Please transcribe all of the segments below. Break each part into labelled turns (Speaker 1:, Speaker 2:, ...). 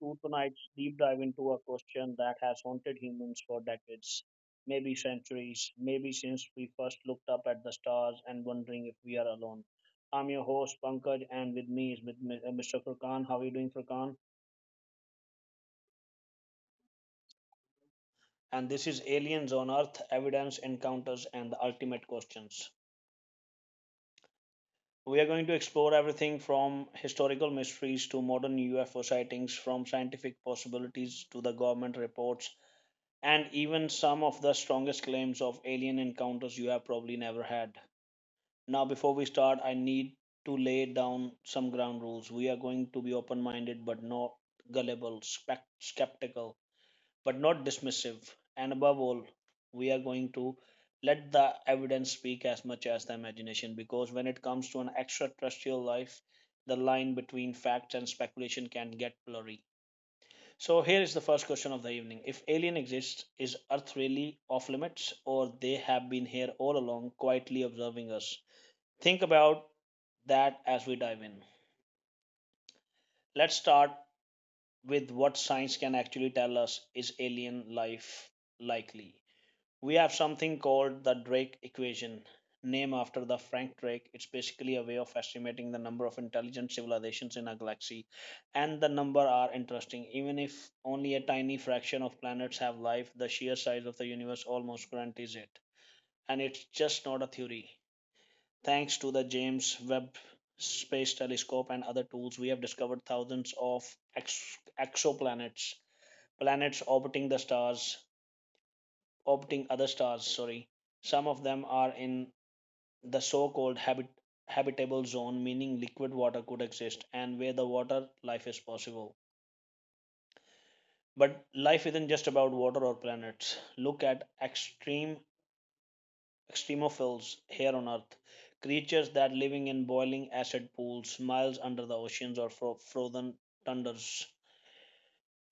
Speaker 1: To tonight's deep dive into a question that has haunted humans for decades, maybe centuries, maybe since we first looked up at the stars and wondering if we are alone. I'm your host, Pankaj, and with me is Mr. Furkan. How are you doing, Furkan? And this is Aliens on Earth: Evidence, Encounters, and the Ultimate Questions. We are going to explore everything from historical mysteries to modern UFO sightings, from scientific possibilities to the government reports and even some of the strongest claims of alien encounters you have probably never had. Now, before we start, I need to lay down some ground rules. We are going to be open minded, but not gullible, skeptical, but not dismissive. And above all, we are going to let the evidence speak as much as the imagination because when it comes to an extraterrestrial life, the line between facts and speculation can get blurry. So here is the first question of the evening. If alien exists, is Earth really off limits or they have been here all along quietly observing us? Think about that as we dive in. Let's start with what science can actually tell us: is alien life likely? We have something called the Drake equation, named after the Frank Drake. It's basically a way of estimating the number of intelligent civilizations in a galaxy, and the number are interesting. Even if only a tiny fraction of planets have life, the sheer size of the universe almost guarantees it. And it's just not a theory. Thanks to the James Webb Space Telescope and other tools, we have discovered thousands of exoplanets, planets orbiting the stars orbiting other stars. Sorry, some of them are in the so-called habitable zone, meaning liquid water could exist, and where the water life is possible. But life isn't just about water or planets. Look at extreme extremophiles here on Earth, creatures that living in boiling acid pools miles under the oceans or frozen tundras.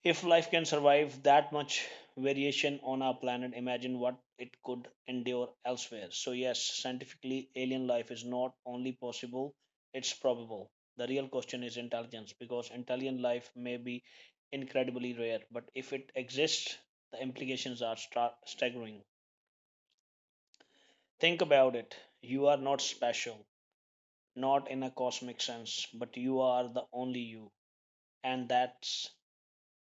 Speaker 1: If life can survive that much variation on our planet, imagine what it could endure elsewhere. So, yes, scientifically, alien life is not only possible, it's probable. The real question is intelligence, because intelligent life may be incredibly rare, but if it exists, the implications are staggering. Think about it: you are not special, not in a cosmic sense, but you are the only you. And that's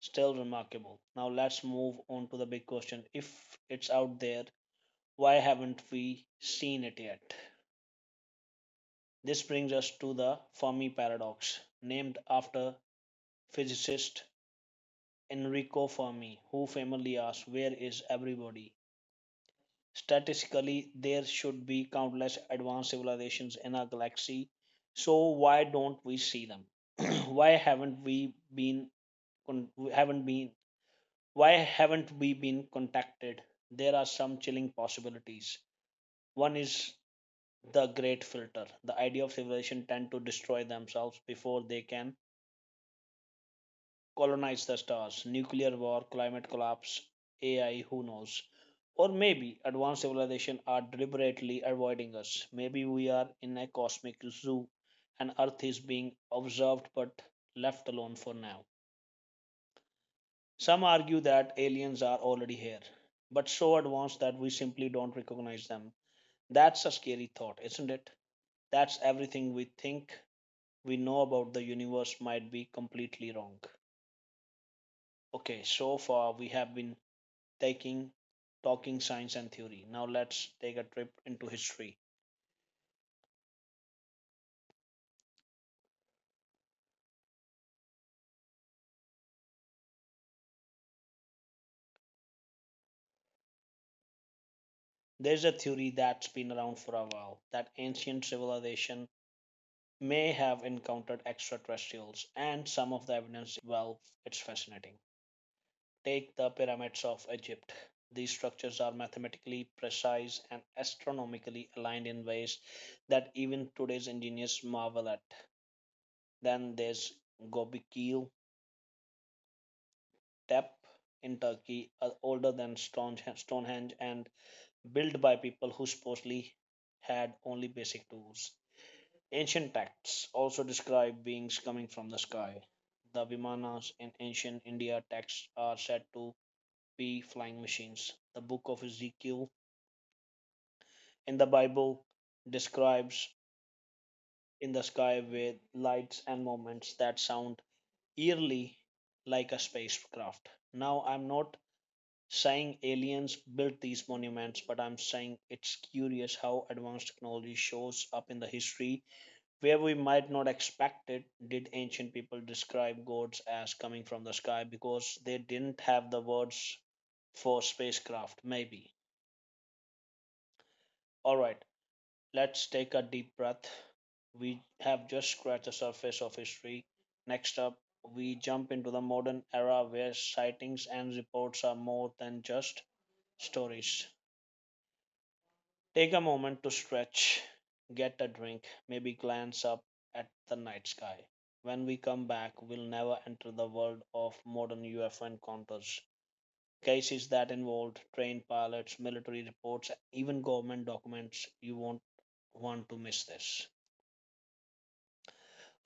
Speaker 1: still remarkable. Now let's move on to the big question. If it's out there, why haven't we seen it yet? This brings us to the Fermi paradox, named after physicist Enrico Fermi, who famously asked, "Where is everybody?" Statistically, there should be countless advanced civilizations in our galaxy, so why don't we see them? Why haven't we been haven't been Why haven't we been contacted? There are some chilling possibilities. One is the great filter, the idea of civilization tend to destroy themselves before they can colonize the stars. Nuclear war, climate collapse, AI, who knows? Or maybe advanced civilization are deliberately avoiding us. Maybe we are in a cosmic zoo and Earth is being observed but left alone for now. Some argue that aliens are already here, but so advanced that we simply don't recognize them. That's a scary thought, isn't it? That's everything we think we know about the universe might be completely wrong. Okay, so far we have been taking talking science and theory. Now let's take a trip into history. There's a theory that's been around for a while that ancient civilization may have encountered extraterrestrials, and some of the evidence, well, it's fascinating. Take the pyramids of Egypt. These structures are mathematically precise and astronomically aligned in ways that even today's engineers marvel at. Then there's Göbekli Tepe in Turkey, older than Stonehenge and built by people who supposedly had only basic tools. Ancient texts also describe beings coming from the sky. The Vimanas in ancient India texts are said to be flying machines. The Book of Ezekiel in the Bible describes in the sky with lights and moments that sound eerily like a spacecraft. Now, I'm not saying aliens built these monuments, but I'm saying it's curious how advanced technology shows up in the history where we might not expect it. Did ancient people describe gods as coming from the sky because they didn't have the words for spacecraft? Maybe. All right. Let's take a deep breath. We have just scratched the surface of history. Next up, we jump into the modern era where sightings and reports are more than just stories. Take a moment to stretch, get a drink, maybe glance up at the night sky. When we come back, we'll never enter the world of modern UFO encounters. Cases that involved trained pilots, military reports, even government documents. You won't want to miss this.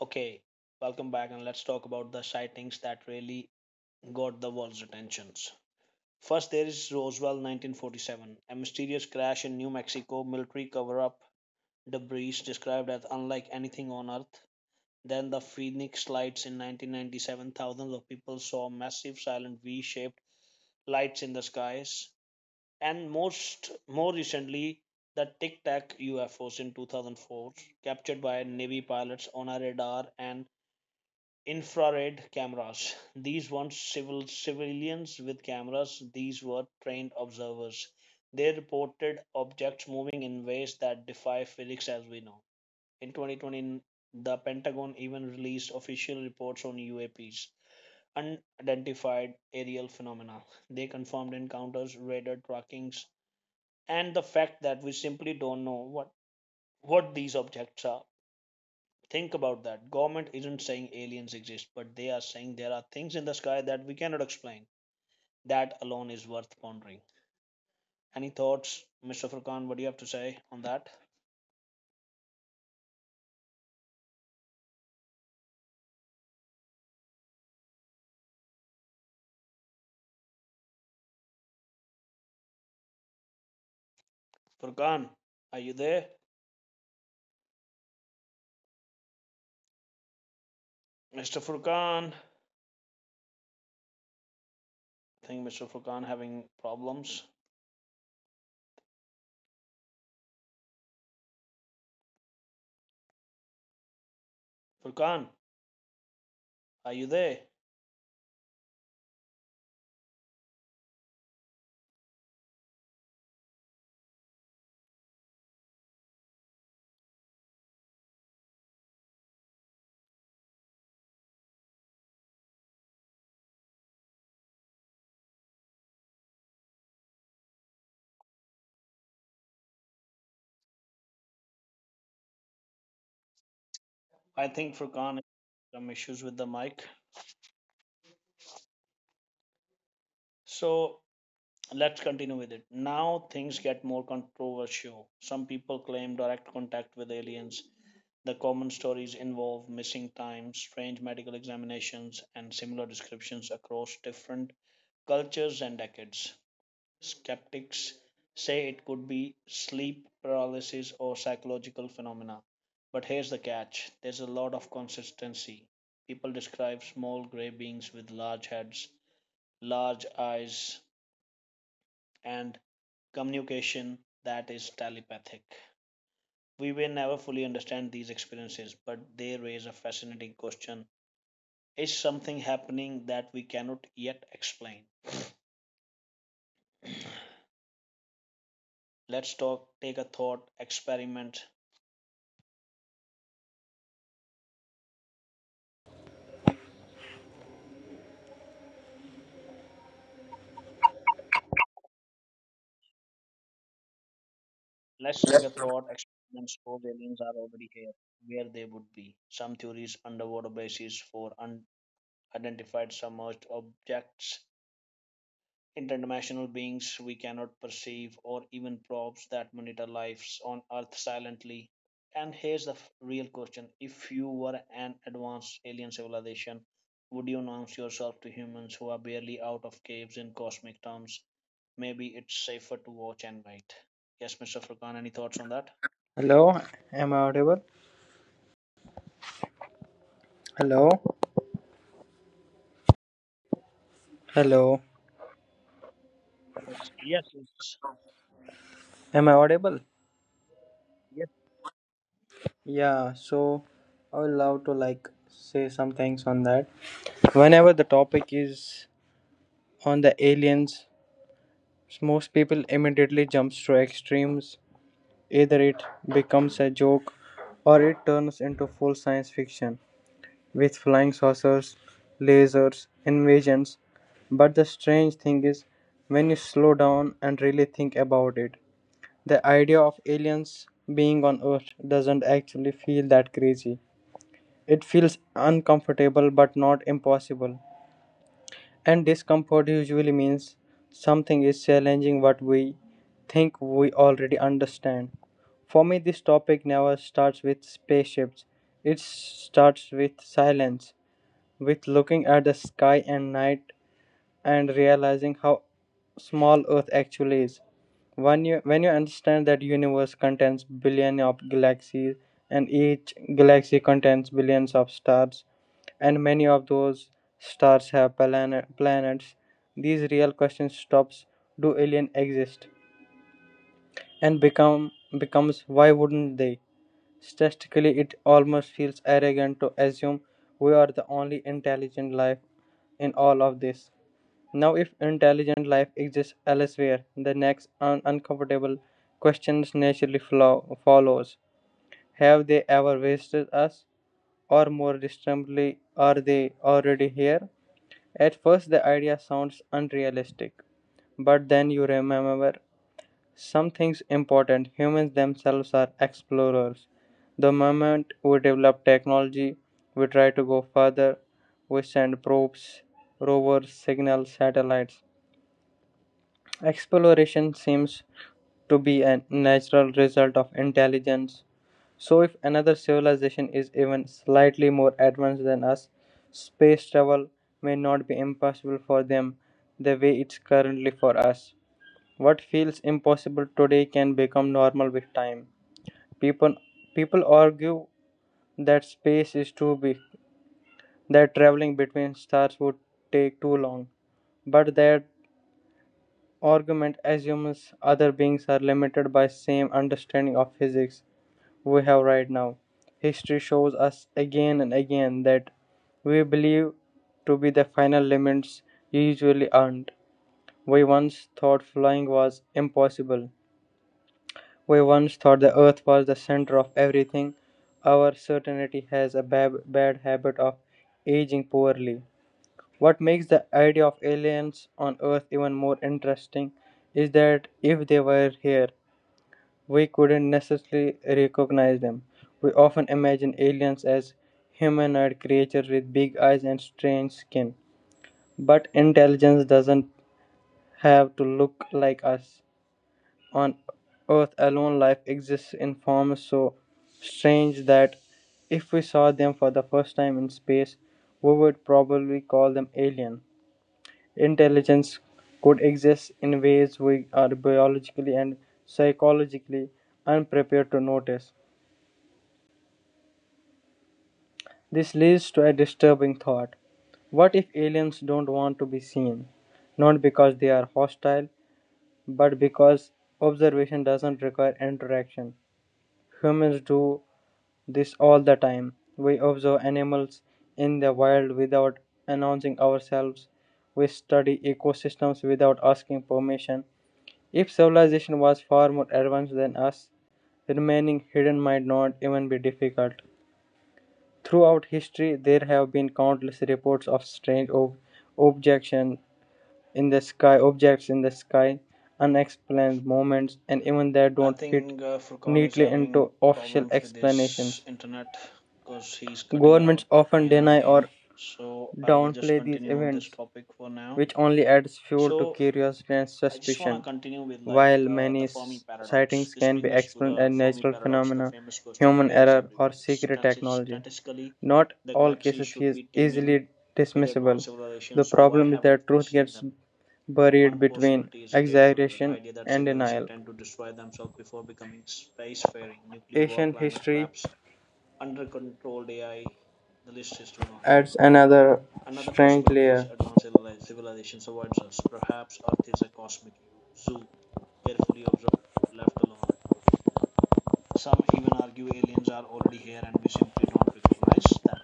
Speaker 1: Okay, welcome back, and let's talk about the sightings that really got the world's attentions. First, there is Roswell 1947, a mysterious crash in New Mexico, military cover up, debris described as unlike anything on Earth. Then, the Phoenix lights in 1997, thousands of people saw massive silent V shaped lights in the skies. And most more recently, the Tic Tac UFOs in 2004, captured by Navy pilots on a radar and infrared cameras. These weren't civilians with cameras, these were trained observers. They reported objects moving in ways that defy physics as we know. In 2020, the Pentagon even released official reports on UAPs, unidentified aerial phenomena. They confirmed encounters, radar trackings, and the fact that we simply don't know what these objects are. Think about that: government isn't saying aliens exist, but they are saying there are things in the sky that we cannot explain. That alone is worth pondering. Any thoughts, Mr. Furkan? What do you have to say on that? Furkan, are you there, Mr. Furkan? I think Mr. Furkan having problems. Furkan, are you there? I think Furkan has some issues with the mic, so let's continue with it. Now things get more controversial. Some people claim direct contact with aliens. The common stories involve missing times, strange medical examinations, and similar descriptions across different cultures and decades. Skeptics say it could be sleep paralysis or psychological phenomena. But here's the catch: there's a lot of consistency. People describe small gray beings with large heads, large eyes, and communication that is telepathic. We will never fully understand these experiences, but they raise a fascinating question. Is something happening that we cannot yet explain? Let's talk, take a thought experiment. Let's take a thought experiment. Suppose aliens are already here, where they would be. Some theories: underwater bases for unidentified submerged objects, interdimensional beings we cannot perceive, or even probes that monitor lives on Earth silently. And here's the real question: if you were an advanced alien civilization, would you announce yourself to humans who are barely out of caves in cosmic terms? Maybe it's safer to watch and wait. Yes, Mr. Furkan, any thoughts on that?
Speaker 2: Hello, am I audible? Hello, hello,
Speaker 1: Yes, yes, yes.
Speaker 2: am I audible? Yeah, so I would love to like say some things on that. Whenever the topic is on the aliens, most people immediately jumps to extremes. Either it becomes a joke or it turns into full science fiction with flying saucers, lasers, invasions. But the strange thing is when you slow down and really think about it, the idea of aliens being on Earth doesn't actually feel that crazy. It feels uncomfortable but not impossible. And discomfort usually means something is challenging what we think we already understand. For me, this topic never starts with spaceships, it starts with silence, with looking at the sky and night and realizing how small Earth actually is. When you understand that universe contains billions of galaxies and each galaxy contains billions of stars and many of those stars have planets, these real questions stops, do aliens exist and becomes why wouldn't they. Statistically it almost feels arrogant to assume we are the only intelligent life in all of this. Now, if intelligent life exists elsewhere, the next uncomfortable questions naturally follows. Have they ever visited us? Or more distinctly, are they already here? At first, the idea sounds unrealistic, but then you remember something's important. Humans themselves are explorers. The moment we develop technology, we try to go further. We send probes, rovers, signals, satellites. Exploration seems to be a natural result of intelligence. So, if another civilization is even slightly more advanced than us, space travel may not be impossible for them the way it's currently for us. What feels impossible today can become normal with time. People, people argue that space is too big, that traveling between stars would take too long, but that argument assumes other beings are limited by same understanding of physics we have right now. History shows us again and again that we believe to be the final limits usually aren't. We once thought flying was impossible. We once thought the earth was the center of everything. Our certainty has a bad habit of aging poorly. What makes the idea of aliens on Earth even more interesting is that if they were here, we couldn't necessarily recognize them. We often imagine aliens as humanoid creatures with big eyes and strange skin, but intelligence doesn't have to look like us. On Earth alone, life exists in forms so strange that if we saw them for the first time in space, we would probably call them alien. Intelligence could exist in ways we are biologically and psychologically unprepared to notice. This leads to a disturbing thought. What if aliens don't want to be seen? Not because they are hostile, but because observation doesn't require interaction. Humans do this all the time. We observe animals in the wild without announcing ourselves. We study ecosystems without asking permission. If civilization was far more advanced than us, remaining hidden might not even be difficult. Throughout history, there have been countless reports of strange ob- objection in the sky, objects in the sky, unexplained movements, and even that
Speaker 1: I
Speaker 2: don't fit
Speaker 1: think Furkan is
Speaker 2: neatly
Speaker 1: having
Speaker 2: into official
Speaker 1: problems with his
Speaker 2: explanations.
Speaker 1: internet because he's cutting
Speaker 2: Governments
Speaker 1: out
Speaker 2: often
Speaker 1: again and
Speaker 2: deny
Speaker 1: again.
Speaker 2: or
Speaker 1: So I will just
Speaker 2: downplay these
Speaker 1: continue on this
Speaker 2: events,
Speaker 1: topic for now.
Speaker 2: which only adds fuel to
Speaker 1: So
Speaker 2: curiosity and
Speaker 1: I just want to
Speaker 2: suspicion.
Speaker 1: continue with like
Speaker 2: While many
Speaker 1: the Fermi paradox.
Speaker 2: sightings
Speaker 1: This
Speaker 2: can be
Speaker 1: brings us to
Speaker 2: explained
Speaker 1: the
Speaker 2: as
Speaker 1: Fermi
Speaker 2: natural
Speaker 1: paradox, the
Speaker 2: phenomena,
Speaker 1: famous question,
Speaker 2: human
Speaker 1: where is
Speaker 2: error, or
Speaker 1: everybody?
Speaker 2: secret technology,
Speaker 1: Statistically,
Speaker 2: not
Speaker 1: the
Speaker 2: all
Speaker 1: galaxy
Speaker 2: cases
Speaker 1: should
Speaker 2: is
Speaker 1: be teeming
Speaker 2: easily
Speaker 1: with
Speaker 2: dismissible.
Speaker 1: advanced civilization.
Speaker 2: The
Speaker 1: So why
Speaker 2: problem is
Speaker 1: haven't
Speaker 2: that
Speaker 1: we
Speaker 2: truth
Speaker 1: seen
Speaker 2: gets
Speaker 1: them?
Speaker 2: buried
Speaker 1: One
Speaker 2: between
Speaker 1: possibility is great filter, the
Speaker 2: exaggeration
Speaker 1: idea that
Speaker 2: and
Speaker 1: civilizations
Speaker 2: denial.
Speaker 1: tend to destroy themselves before becoming spacefaring, nuclear war,
Speaker 2: Asian
Speaker 1: climate
Speaker 2: history
Speaker 1: collapse, under controlled AI. The list is too long.
Speaker 2: adds another
Speaker 1: Another
Speaker 2: strange
Speaker 1: possibility is
Speaker 2: layer.
Speaker 1: advanced civilizations avoids us. Perhaps Earth is a cosmic zoo, carefully observed, left alone. Some even argue aliens are already here and we simply don't recognize them.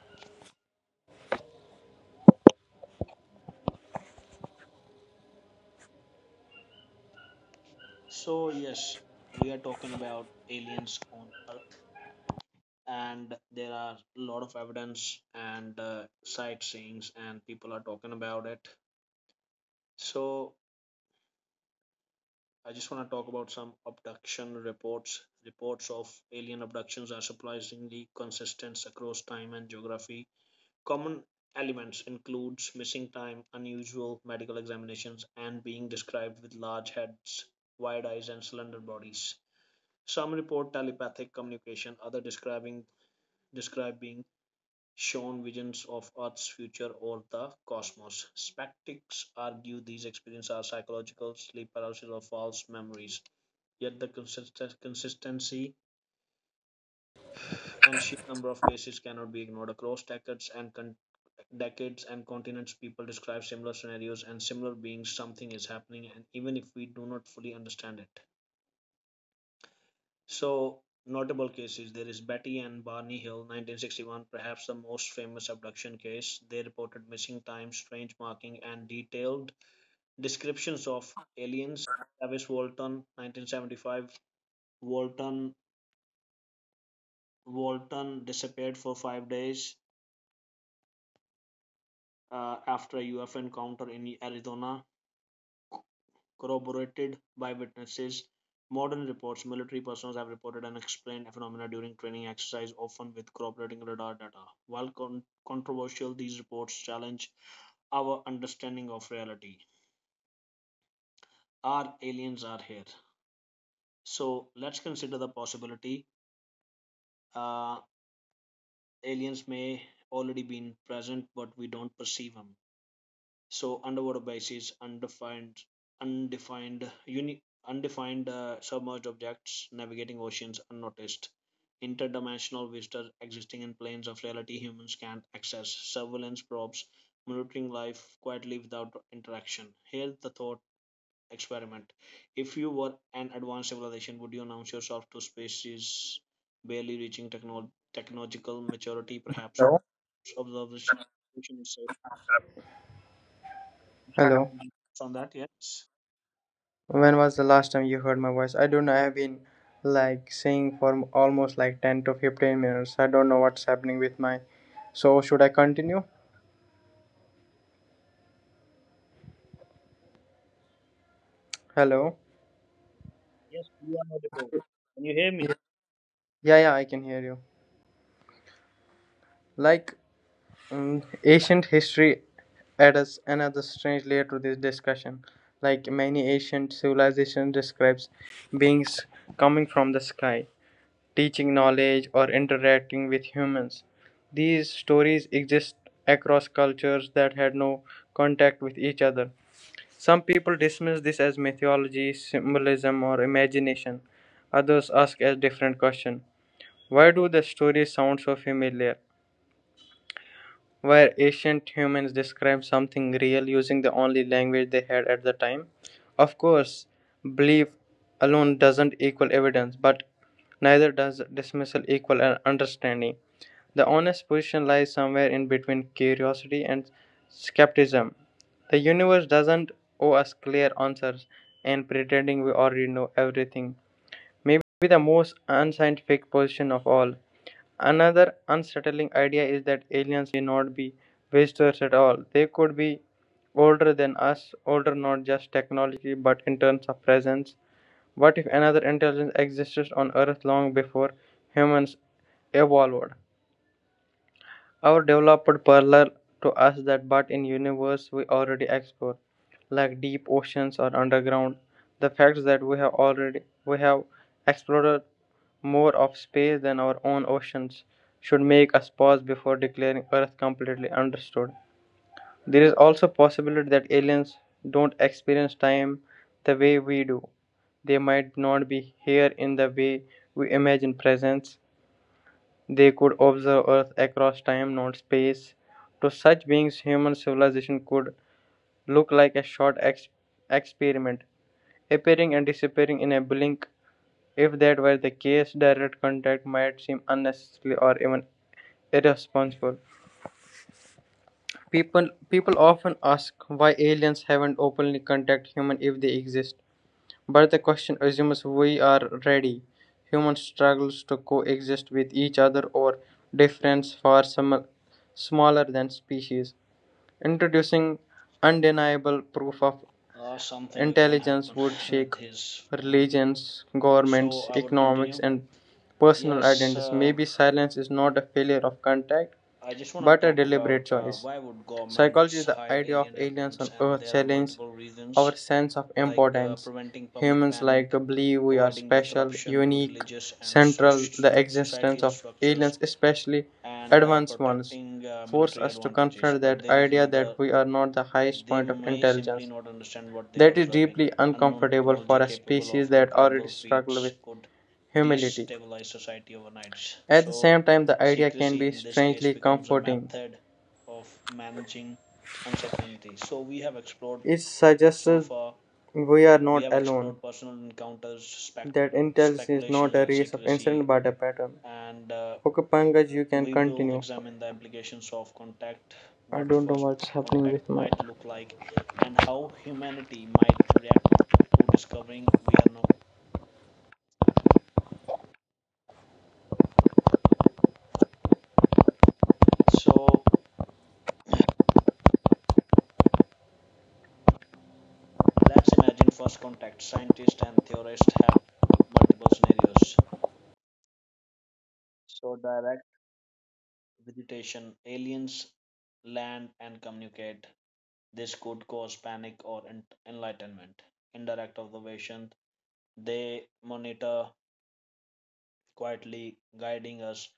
Speaker 1: So, yes, we are talking about aliens on Earth, and there are a lot of evidence and sightseeings and people are talking about it. So I just want to talk about some abduction reports. Reports of alien abductions are surprisingly consistent across time and geography. Common elements includes missing time, unusual medical examinations, and being described with large heads, wide eyes, and slender bodies. Some report telepathic communication. Other describing describe being shown visions of Earth's future or the cosmos. Skeptics argue these experiences are psychological sleep paralysis or false memories. Yet the consistency and sheer number of cases cannot be ignored. Across decades and continents, people describe similar scenarios and similar beings. Something is happening, and even if we do not fully understand it. So, notable cases: there is Betty and Barney Hill, 1961, perhaps the most famous abduction case. They reported missing time, strange marking, and detailed descriptions of aliens. Travis Walton, 1975. Walton Walton disappeared for 5 days after a UFO encounter in Arizona, corroborated by witnesses. Modern reports: military personnel have reported unexplained phenomena during training exercise, often with corroborating radar data. While controversial, these reports challenge our understanding of reality. Our aliens are here. So let's consider the possibility uh, aliens may already been present, but we don't perceive them. So underwater bases, undefined, undefined, uni, undefined submerged objects navigating oceans unnoticed, interdimensional visitors existing in planes of reality humans can't access, surveillance probes monitoring life quietly without interaction. Here's the thought experiment: if you were an advanced civilization, would you announce yourself to species barely reaching technological maturity? Perhaps
Speaker 2: Hello.
Speaker 1: observation is safe.
Speaker 2: Hello.
Speaker 1: On that, yes.
Speaker 2: When was the last time you heard my voice? I don't know. I've been like saying for almost like 10 to 15 minutes. I don't know what's happening with my. So, should I continue? Hello.
Speaker 1: Yes, you are audible. Can you hear me?
Speaker 2: Yeah, yeah, yeah, I can hear you. Like, um, ancient history adds another strange layer to this discussion. Like, many ancient civilizations describes beings coming from the sky, teaching knowledge, or interacting with humans. These stories exist across cultures that had no contact with each other. Some people dismiss this as mythology, symbolism, or imagination. Others ask a different question. Why do the stories sound so familiar? Were ancient humans described something real using the only language they had at the time? Of course, belief alone doesn't equal evidence, but neither does dismissal equal an understanding. The honest position lies somewhere in between curiosity and skepticism. The universe doesn't owe us clear answers, and pretending we already know everything may be the most unscientific position of all. Another unsettling idea is that aliens not be visitors at all. They could be older than us, older not just technology but in terms of presence. What if another intelligence existed on Earth long before humans evolved? Our developed parallel to us that but in universe we already explore, like deep oceans or underground. The facts that we have explored more of space than our own oceans should make us pause before declaring Earth completely understood. There is also possibility that aliens don't experience time the way we do. They might not be here in the way we imagine presence, they could observe Earth across time, not space. To such beings, human civilization could look like a short experiment, appearing and disappearing in a blink. If that were the case, direct contact might seem unnecessary or even irresponsible. People often ask why aliens haven't openly contacted humans if they exist. But the question assumes we are ready. Human struggles to coexist with each other or difference far smaller than species. Introducing undeniable proof of
Speaker 1: Something again
Speaker 2: intelligence
Speaker 1: happened
Speaker 2: would shake
Speaker 1: with his phone.
Speaker 2: religions,
Speaker 1: So
Speaker 2: governments,
Speaker 1: I would
Speaker 2: economics,
Speaker 1: continue.
Speaker 2: and personal
Speaker 1: Yes,
Speaker 2: identities. Maybe silence is not a failure of contact,
Speaker 1: I just want to
Speaker 2: but a
Speaker 1: talk
Speaker 2: deliberate
Speaker 1: about
Speaker 2: choice.
Speaker 1: why would
Speaker 2: Psychology
Speaker 1: governments
Speaker 2: is the
Speaker 1: hide
Speaker 2: idea of
Speaker 1: alien
Speaker 2: aliens
Speaker 1: evidence,
Speaker 2: on
Speaker 1: and
Speaker 2: Earth
Speaker 1: there are
Speaker 2: challenge
Speaker 1: multiple reasons
Speaker 2: our sense of
Speaker 1: like
Speaker 2: importance.
Speaker 1: preventing public
Speaker 2: Humans like
Speaker 1: panic,
Speaker 2: to believe we are
Speaker 1: avoiding
Speaker 2: special,
Speaker 1: disruption to
Speaker 2: unique,
Speaker 1: religious and
Speaker 2: central.
Speaker 1: soc-
Speaker 2: The existence
Speaker 1: societal
Speaker 2: of
Speaker 1: structures,
Speaker 2: aliens, especially
Speaker 1: and
Speaker 2: advanced ones,
Speaker 1: protecting
Speaker 2: force
Speaker 1: military
Speaker 2: us to
Speaker 1: advantages.
Speaker 2: confront
Speaker 1: But
Speaker 2: that
Speaker 1: there is
Speaker 2: idea that
Speaker 1: another.
Speaker 2: we are not the highest
Speaker 1: They
Speaker 2: point of
Speaker 1: may simply
Speaker 2: intelligence.
Speaker 1: not understand what they are
Speaker 2: That is
Speaker 1: observing.
Speaker 2: deeply
Speaker 1: Unknown
Speaker 2: uncomfortable
Speaker 1: technology
Speaker 2: for a
Speaker 1: capable
Speaker 2: species
Speaker 1: of
Speaker 2: that already
Speaker 1: incredible
Speaker 2: struggles
Speaker 1: feats
Speaker 2: with
Speaker 1: could
Speaker 2: humility.
Speaker 1: destabilize society overnight.
Speaker 2: At the
Speaker 1: So,
Speaker 2: same time, the idea can
Speaker 1: secrecy
Speaker 2: be
Speaker 1: in this case
Speaker 2: strangely
Speaker 1: becomes a
Speaker 2: comforting.
Speaker 1: method of managing uncertainty. So, we have explored
Speaker 2: It suggests
Speaker 1: so far,
Speaker 2: we are
Speaker 1: we
Speaker 2: not
Speaker 1: have
Speaker 2: alone.
Speaker 1: explored personal encounters, spec-
Speaker 2: That intelligence is not
Speaker 1: speculations,
Speaker 2: a
Speaker 1: and
Speaker 2: race of incident
Speaker 1: secrecy.
Speaker 2: but a pattern.
Speaker 1: And
Speaker 2: Okay, Pankaj, you can
Speaker 1: we will
Speaker 2: continue.
Speaker 1: examine the implications of contact,
Speaker 2: I
Speaker 1: what
Speaker 2: don't know
Speaker 1: first
Speaker 2: what's happening
Speaker 1: contact
Speaker 2: with my.
Speaker 1: might look like, and how humanity might react to discovering we are not. So let's imagine first contact. Scientists and theorists have multiple scenarios. So direct visitation, aliens land and communicate. This could cause panic or enlightenment. Indirect observation, they monitor quietly, guiding us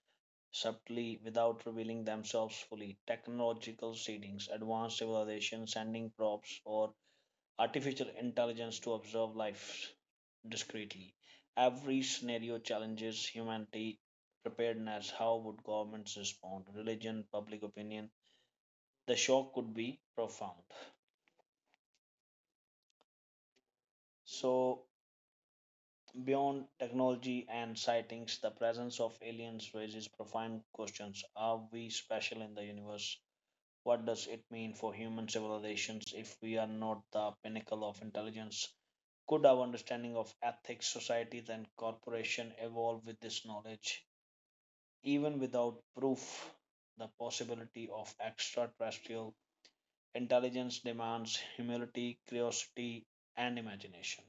Speaker 1: subtly without revealing themselves fully. Technological seedings, advanced civilization sending probes or artificial intelligence to observe life discreetly. Every scenario challenges humanity preparedness. How would governments respond? Religion, public opinion. The shock could be profound. So, beyond technology and sightings, the presence of aliens raises profound questions. Are we special in the universe? What does it mean for human civilizations if we are not the pinnacle of intelligence? Could our understanding of ethics, societies, and corporation evolve with this knowledge? Even without proof, the possibility of extraterrestrial intelligence demands humility, curiosity, and imagination.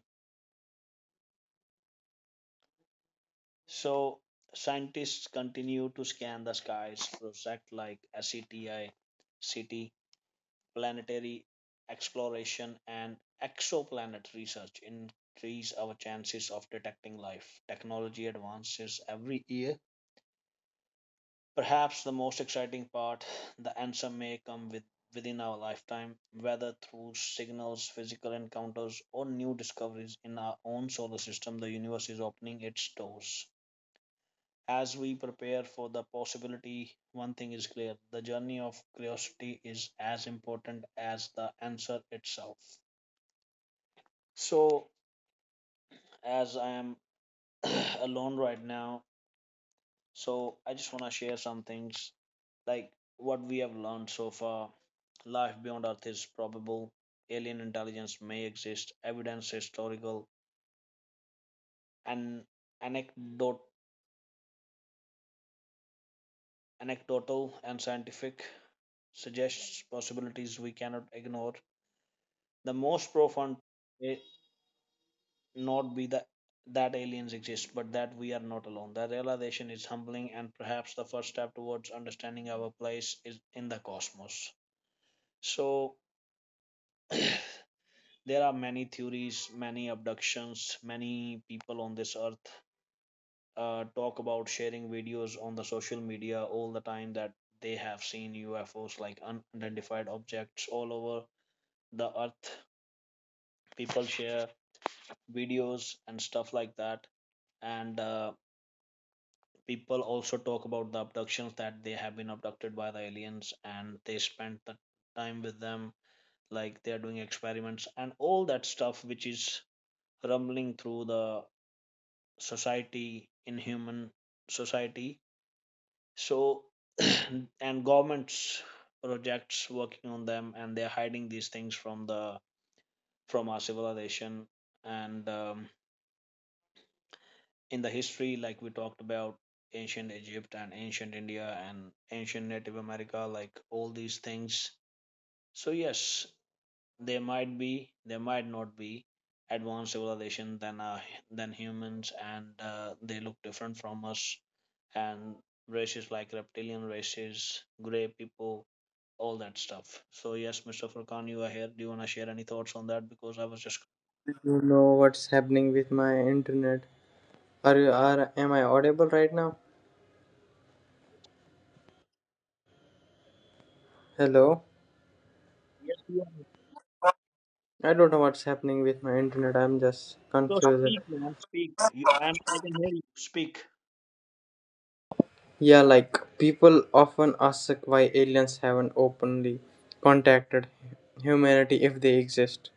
Speaker 1: So, scientists continue to scan the skies, project like SETI, CT, planetary exploration and exoplanet research increase our chances of detecting life. Technology advances every year. Perhaps the most exciting part, the answer may come with, within our lifetime, whether through signals, physical encounters, or new discoveries in our own solar system, the universe is opening its doors. As we prepare for the possibility, one thing is clear the journey of curiosity is as important as the answer itself. So, as I am alone right now, so I just want to share some things like what we have learned so far. Life beyond Earth is probable. Alien intelligence may exist. Evidence historical and anecdote, anecdotal and scientific suggests possibilities we cannot ignore. The most profound eh, not be the, that aliens exist, but that we are not alone. The realization is humbling and perhaps the first step towards understanding our place is in the cosmos. So there are many theories, many abductions, many people on this earth talk about sharing videos on the social media all the time that they have seen UFOs like unidentified objects all over the earth. People share videos and stuff like that, and people also talk about the abductions that they have been abducted by the aliens and they spend the time with them like they are doing experiments and all that stuff which is rumbling through the society in human society so and governments projects working on them and they're hiding these things from the from our civilization and in the history, like we talked about ancient Egypt and ancient India and ancient Native America, like all these things. So, yes, there might be, there might not be advanced civilization than humans and they look different from us and races like reptilian races, gray people, all that stuff. So yes, Mr. Furkan, you are here, do you want to share any thoughts on that because I was just
Speaker 2: You know what's happening with my internet? Are am I audible right now? Hello?
Speaker 1: yes you are.
Speaker 2: I don't know what's happening with my internet. I'm just
Speaker 1: So
Speaker 2: confused.
Speaker 1: speak man, speak you, I can hear you speak.
Speaker 2: Yeah, like people often ask why aliens haven't openly contacted humanity if they exist.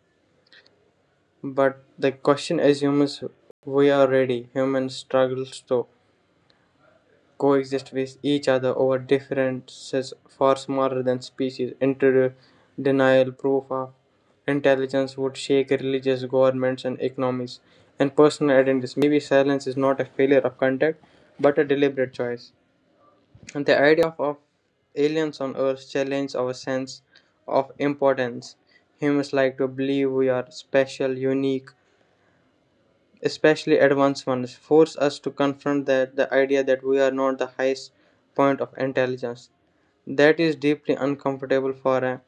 Speaker 2: But the question assumes we are ready. Humans struggles to coexist with each other over differences far smaller than species. Inter denial proof of intelligence would shake religious governments and economies. And personal identities. Maybe silence is not a failure of contact, but a deliberate choice. And the idea of aliens on Earth challenges our sense of importance. Humans like to believe we are special, unique, especially advanced ones, force us to confront that the idea that we are not the highest point of intelligence. That is deeply uncomfortable for a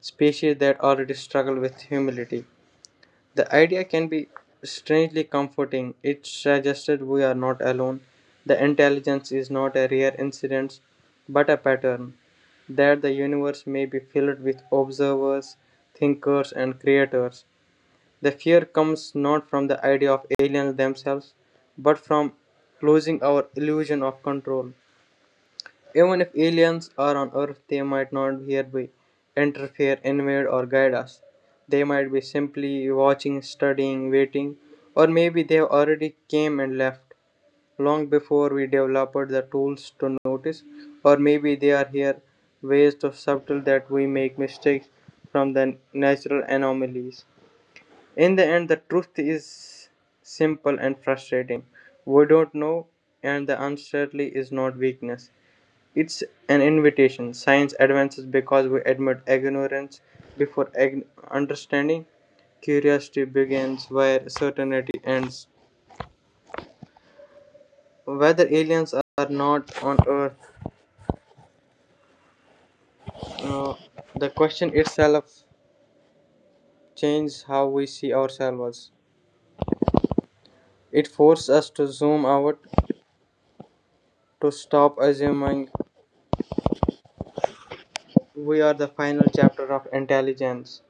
Speaker 2: species that already struggle with humility. The idea can be strangely comforting. It suggested we are not alone. The intelligence is not a rare incidence, but a pattern. That the universe may be filled with observers, thinkers, and creators. The fear comes not from the idea of aliens themselves, but from losing our illusion of control. Even if aliens are on Earth, they might not hereby interfere, invade, or guide us. They might be simply watching, studying, waiting, or maybe they have already came and left long before we developed the tools to notice, or maybe they are here ways to subtle that we make mistakes from the natural anomalies. In the end, the truth is simple and frustrating. We don't know, and the uncertainty is not weakness. It's an invitation. Science advances because we admit ignorance before understanding. Curiosity begins where certainty ends. Whether aliens are not on Earth, uh, the question itself changes how we see ourselves. It forces us to zoom out, to stop assuming we are the final chapter of intelligence,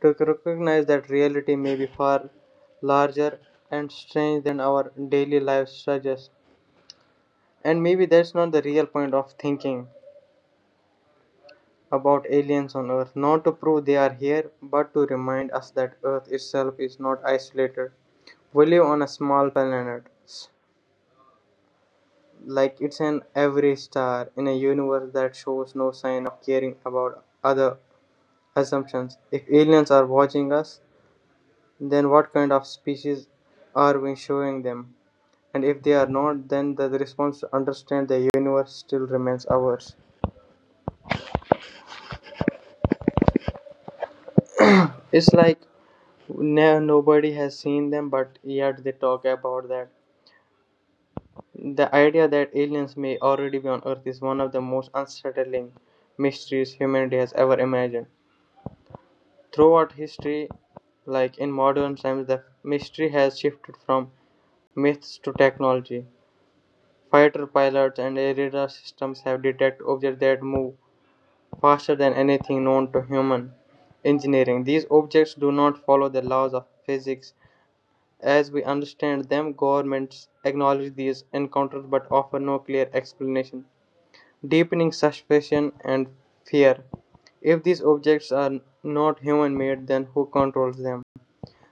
Speaker 2: to recognize that reality may be far larger and strange than our daily lives suggest. And maybe that's not the real point of thinking about aliens on Earth. Not to prove they are here, but to remind us that Earth itself is not isolated. We live on a small planet. Like it's an every star in a universe that shows no sign of caring about other assumptions. If aliens are watching us, then what kind of species are we showing them? And if they are not, then the response to understand the universe still remains ours. It's like no, nobody has seen them, but yet they talk about that. The idea that aliens may already be on Earth is one of the most unsettling mysteries humanity has ever imagined. Throughout history, like in modern times, the mystery has shifted from myths to technology. Fighter pilots and air radar systems have detected objects that move faster than anything known to human engineering. These objects do not follow the laws of physics as we understand them. Governments acknowledge these encounters but offer no clear explanation, deepening suspicion and fear. If these objects are not human made, then who controls them?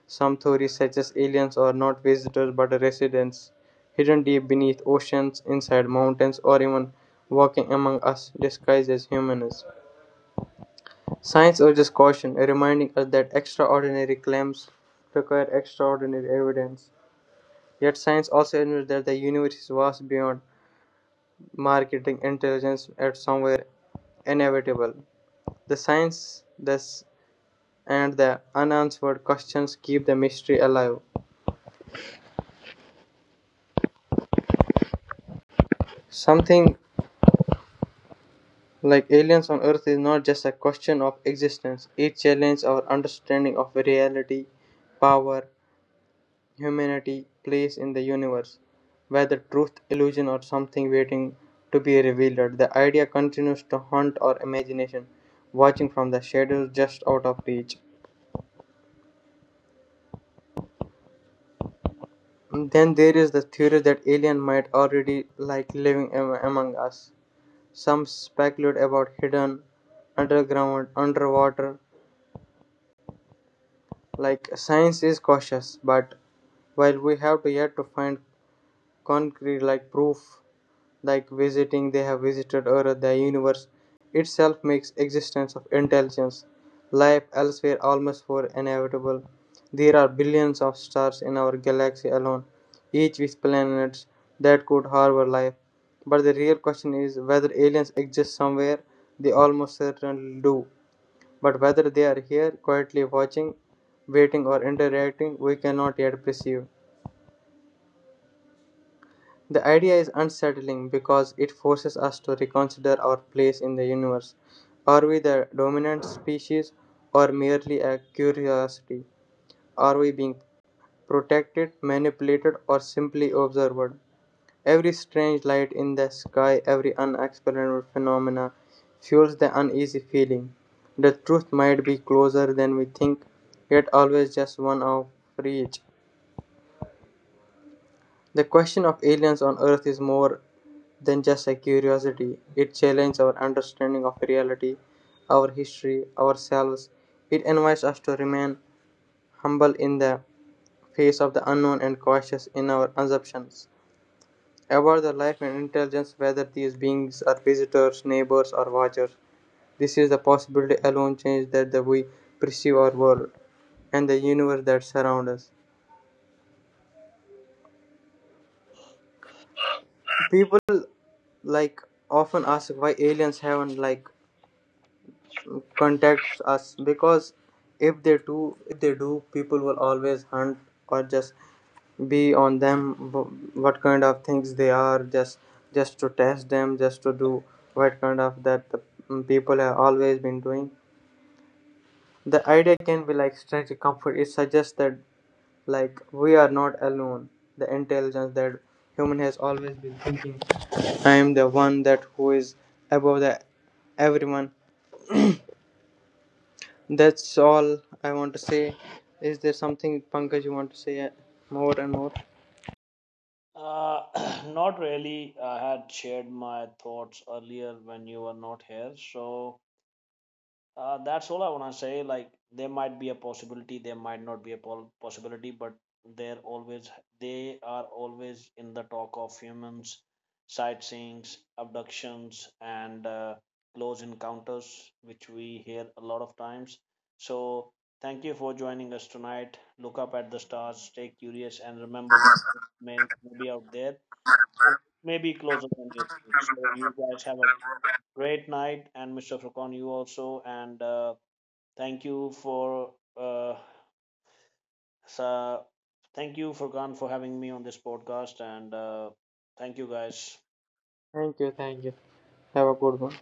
Speaker 2: Some theories suggest aliens are not visitors but residents, hidden deep beneath oceans, inside mountains, or even walking among us disguised as humans. Science urges caution, reminding us that extraordinary claims require extraordinary evidence. Yet science also admits that the universe is vast beyond marketing intelligence at somewhere inevitable. The science thus and the unanswered questions keep the mystery alive. Something like aliens on Earth is not just a question of existence, it challenges our understanding of reality, power, humanity, place in the universe. Whether truth, illusion, or something waiting to be revealed, the idea continues to haunt our imagination, watching from the shadows just out of reach. Then there is the theory that alien might already like living among us. Some speculate about hidden underground, underwater. Like science is cautious, but while we have to yet to find concrete like proof, like visiting they have visited Earth, the universe itself makes existence of intelligence, life elsewhere almost for inevitable. There are billions of stars in our galaxy alone, each with planets that could harbor life. But the real question is whether aliens exist somewhere. They almost certainly do. But whether they are here, quietly watching, waiting, or interacting, we cannot yet perceive. The idea is unsettling because it forces us to reconsider our place in the universe. Are we the dominant species or merely a curiosity? Are we being protected, manipulated, or simply observed? Every strange light in the sky, every unexplainable phenomena fuels the uneasy feeling. The truth might be closer than we think, yet always just one of reach. The question of aliens on Earth is more than just a curiosity. It challenges our understanding of reality, our history, ourselves. It invites us to remain humble in the face of the unknown and cautious in our assumptions. About the life and intelligence, whether these beings are visitors, neighbors, or watchers, this is the possibility alone change that the we perceive our world and the universe that surround us. People like often ask why aliens haven't like contacts us because if they do, people will always hunt or just be on them what kind of things they are just to test them just to do what kind of that the people have always been doing. The idea can be like strategic comfort. It suggests that like we are not alone. The intelligence that human has always been thinking, I am the one that who is above the everyone. That's all I want to say. Is there something Pankaj you want to say more and more?
Speaker 1: Uh, not really. I had shared my thoughts earlier when you were not here. So that's all I want to say. Like, there might be a possibility, there might not be a possibility, but they're always, they are always in the talk of humans, sightseeings, abductions, and close encounters, which we hear a lot of times. So thank you for joining us tonight. Look up at the stars, stay curious, and remember that may be out there and maybe closer than you think. So you guys have a great night, and Mr. Furkan, you also, and thank you for uh, sa- thank you Furkan for having me on this podcast, and thank you guys.
Speaker 2: Thank you, thank you. Have a good one.